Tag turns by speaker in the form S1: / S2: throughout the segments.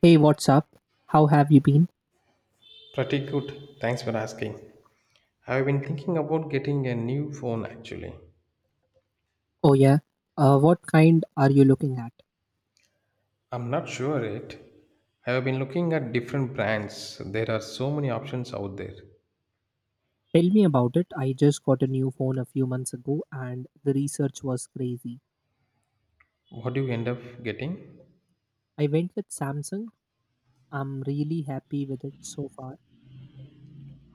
S1: Hey, what's up? How have you been?
S2: Pretty good. Thanks for asking. I've been thinking about getting a new phone actually.
S1: Oh, yeah. What kind are you looking at?
S2: I'm not sure yet. I've been looking at different brands. There are so many options out there.
S1: Tell me about it. I just got a new phone a few months ago and the research was crazy.
S2: What do you end up getting?
S1: I went with Samsung. I'm really happy with it so far.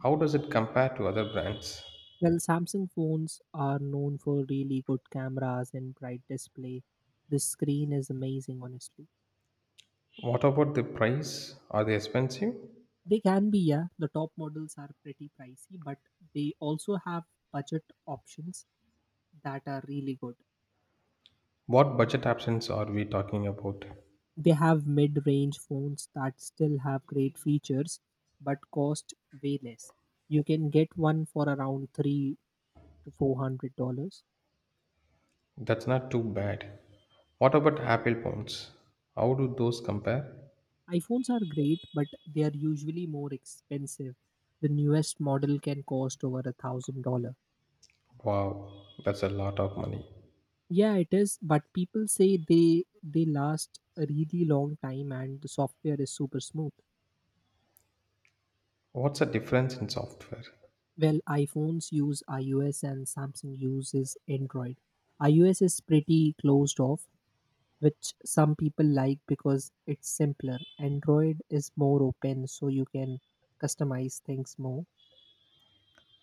S2: How does it compare to other brands?
S1: Well, Samsung phones are known for really good cameras and bright display. The screen is amazing, honestly.
S2: What about the price? Are they expensive?
S1: They can be, yeah, the top models are pretty pricey, but they also have budget options that are really good.
S2: What budget options are we talking about?
S1: They have mid range phones that still have great features but cost way less. You can get one for around three to four hundred dollars.
S2: That's not too bad. What about Apple phones? How do those compare?
S1: iPhones are great, but they are usually more expensive. The newest model can cost over $1,000.
S2: Wow, that's a lot of money.
S1: Yeah, it is, but people say they last a really long time and the software is super smooth.
S2: What's the difference in software?
S1: Well, iPhones use iOS and Samsung uses Android. iOS is pretty closed off, which some people like because it's simpler. Android is more open, so you can customize things more.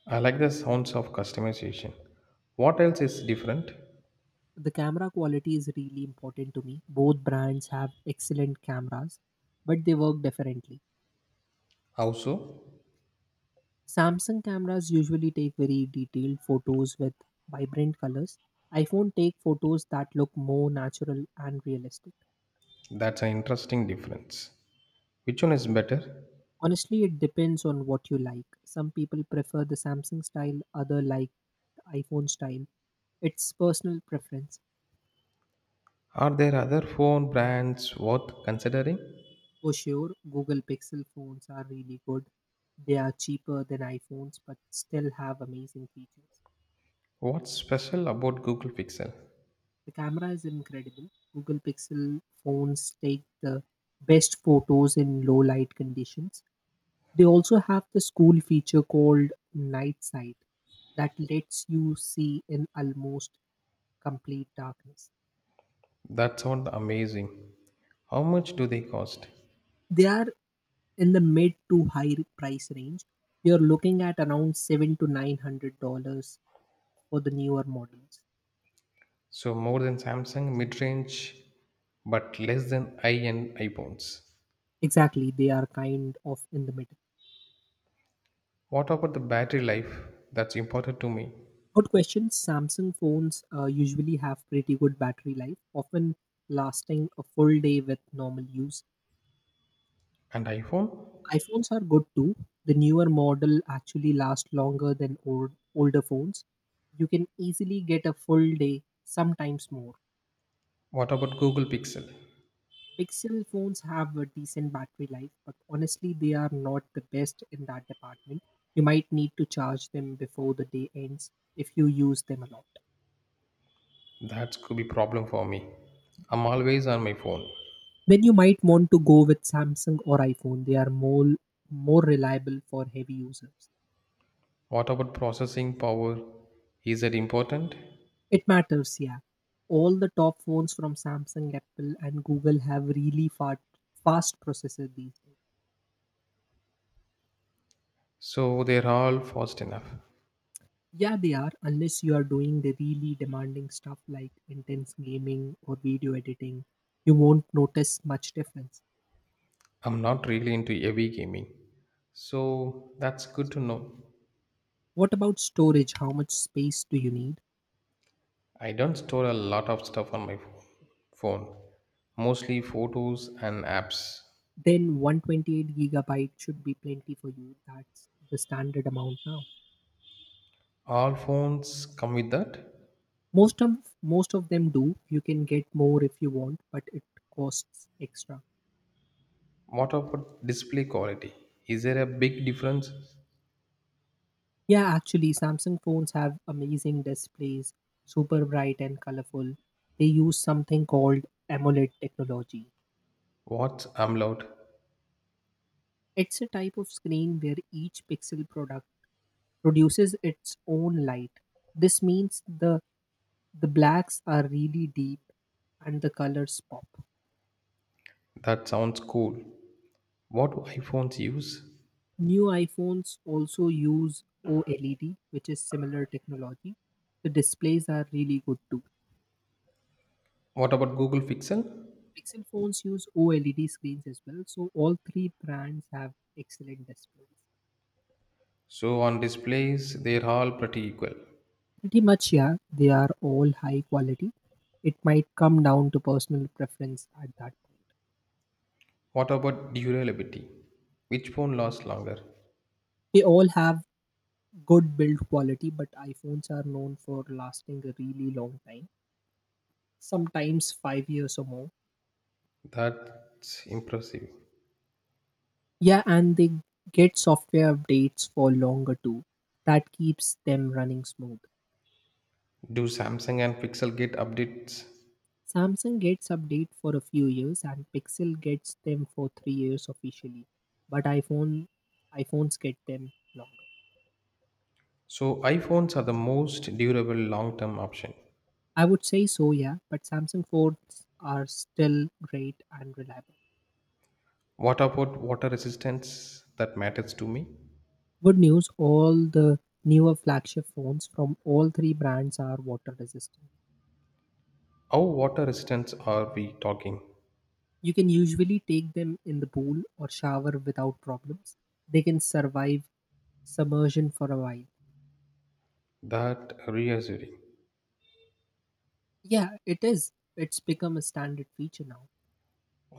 S2: I like the sounds of customization. What else is different?
S1: The camera quality is really important to me. Both brands have excellent cameras, but they work differently.
S2: How so?
S1: Samsung cameras usually take very detailed photos with vibrant colors. iPhone take photos that look more natural and realistic.
S2: That's an interesting difference. Which one is better?
S1: Honestly, it depends on what you like. Some people prefer the Samsung style, other like the iPhone style. It's personal preference.
S2: Are there other phone brands worth considering?
S1: For sure, Google Pixel phones are really good. They are cheaper than iPhones but still have amazing features.
S2: What's special about Google Pixel?
S1: The camera is incredible. Google Pixel phones take the best photos in low light conditions. They also have this cool feature called night sight that lets you see in almost complete darkness.
S2: That sounds amazing. How much do they cost?
S1: They are in the mid to high price range. You're looking at around seven to nine hundred dollars for the newer models.
S2: So more than Samsung mid-range, but less than high-end iPhones.
S1: Exactly, they are kind of in the middle.
S2: What about the battery life? That's important to me.
S1: Good question. Samsung phones usually have pretty good battery life, often lasting a full day with normal use.
S2: And iPhone?
S1: iPhones are good too. The newer model actually last longer than older phones. You can easily get a full day, sometimes more.
S2: What about Google Pixel?
S1: Pixel phones have a decent battery life, but honestly, they are not the best in that department. You might need to charge them before the day ends if you use them a lot.
S2: That could be problem for me. I'm always on my phone.
S1: Then you might want to go with Samsung or iPhone. They are more reliable for heavy users.
S2: What about processing power? Is that important?
S1: It matters, yeah. All the top phones from Samsung, Apple, and Google have really fast processor these days.
S2: So they're all fast enough.
S1: Yeah, they are, unless you are doing the really demanding stuff like intense gaming or video editing, you won't notice much difference.
S2: I'm not really into heavy gaming. So that's good to know.
S1: What about storage? How much space do you need?
S2: I don't store a lot of stuff on my phone. Mostly photos and apps.
S1: Then 128 gigabyte should be plenty for you. That's the standard amount now.
S2: All phones come with that.
S1: most of most of them do. You can get more if you want, but it costs extra.
S2: What about display quality? Is there a big difference?
S1: Yeah, actually Samsung phones have amazing displays, super bright and colorful. They use something called AMOLED technology.
S2: What's AMOLED?
S1: It's a type of screen where each pixel product produces its own light. This means the blacks are really deep and the colors pop.
S2: That sounds cool. What do iPhones use?
S1: New iPhones also use OLED, which is similar technology. The displays are really good too.
S2: What about Google Pixel?
S1: Pixel phones use OLED screens as well, so all three brands have excellent displays.
S2: So on displays, they're all pretty equal.
S1: Pretty much, yeah, they are all high quality. It might come down to personal preference at that point.
S2: What about durability? Which phone lasts longer?
S1: They all have good build quality, but iPhones are known for lasting a really long time, sometimes 5 years or more.
S2: That's impressive.
S1: Yeah, and they get software updates for longer too. That keeps them running smooth.
S2: Do Samsung and Pixel get updates?
S1: Samsung gets update for a few years and Pixel gets them for 3 years officially. But iPhones get them longer.
S2: So iPhones are the most durable long-term option.
S1: I would say so, yeah, but Samsung phones are still great and reliable.
S2: What about water resistance that matters to me?
S1: Good news, all the newer flagship phones from all three brands are water resistant.
S2: How water resistance are we talking?
S1: You can usually take them in the pool or shower without problems. They can survive submersion for a while.
S2: That reassuring.
S1: Yeah, it is. It's become a standard feature now.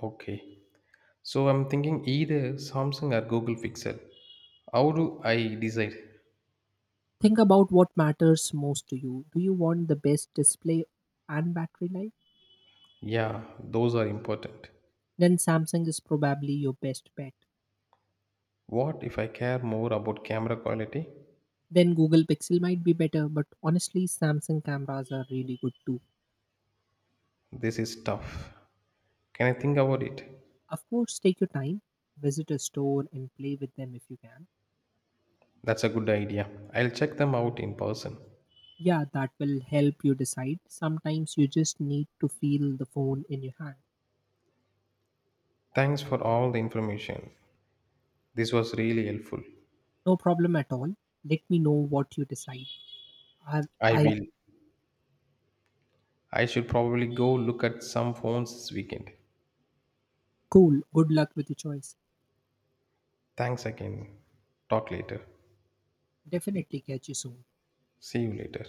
S2: Okay. So I'm thinking either Samsung or Google Pixel. How do I decide?
S1: Think about what matters most to you. Do you want the best display and battery life?
S2: Yeah, those are important.
S1: Then Samsung is probably your best bet.
S2: What if I care more about camera quality?
S1: Then Google Pixel might be better, but honestly, Samsung cameras are really good too.
S2: This is tough. Can I think about it?
S1: Of course, take your time, visit a store, and play with them if you can.
S2: That's a good idea. I'll check them out in person.
S1: Yeah, that will help you decide. Sometimes you just need to feel the phone in your hand.
S2: Thanks for all the information. This was really helpful.
S1: No problem at all. Let me know what you decide.
S2: I
S1: I
S2: will. I should probably go look at some phones this weekend.
S1: Cool, good luck with your choice.
S2: Thanks again. Talk later.
S1: Definitely catch you soon.
S2: See you later.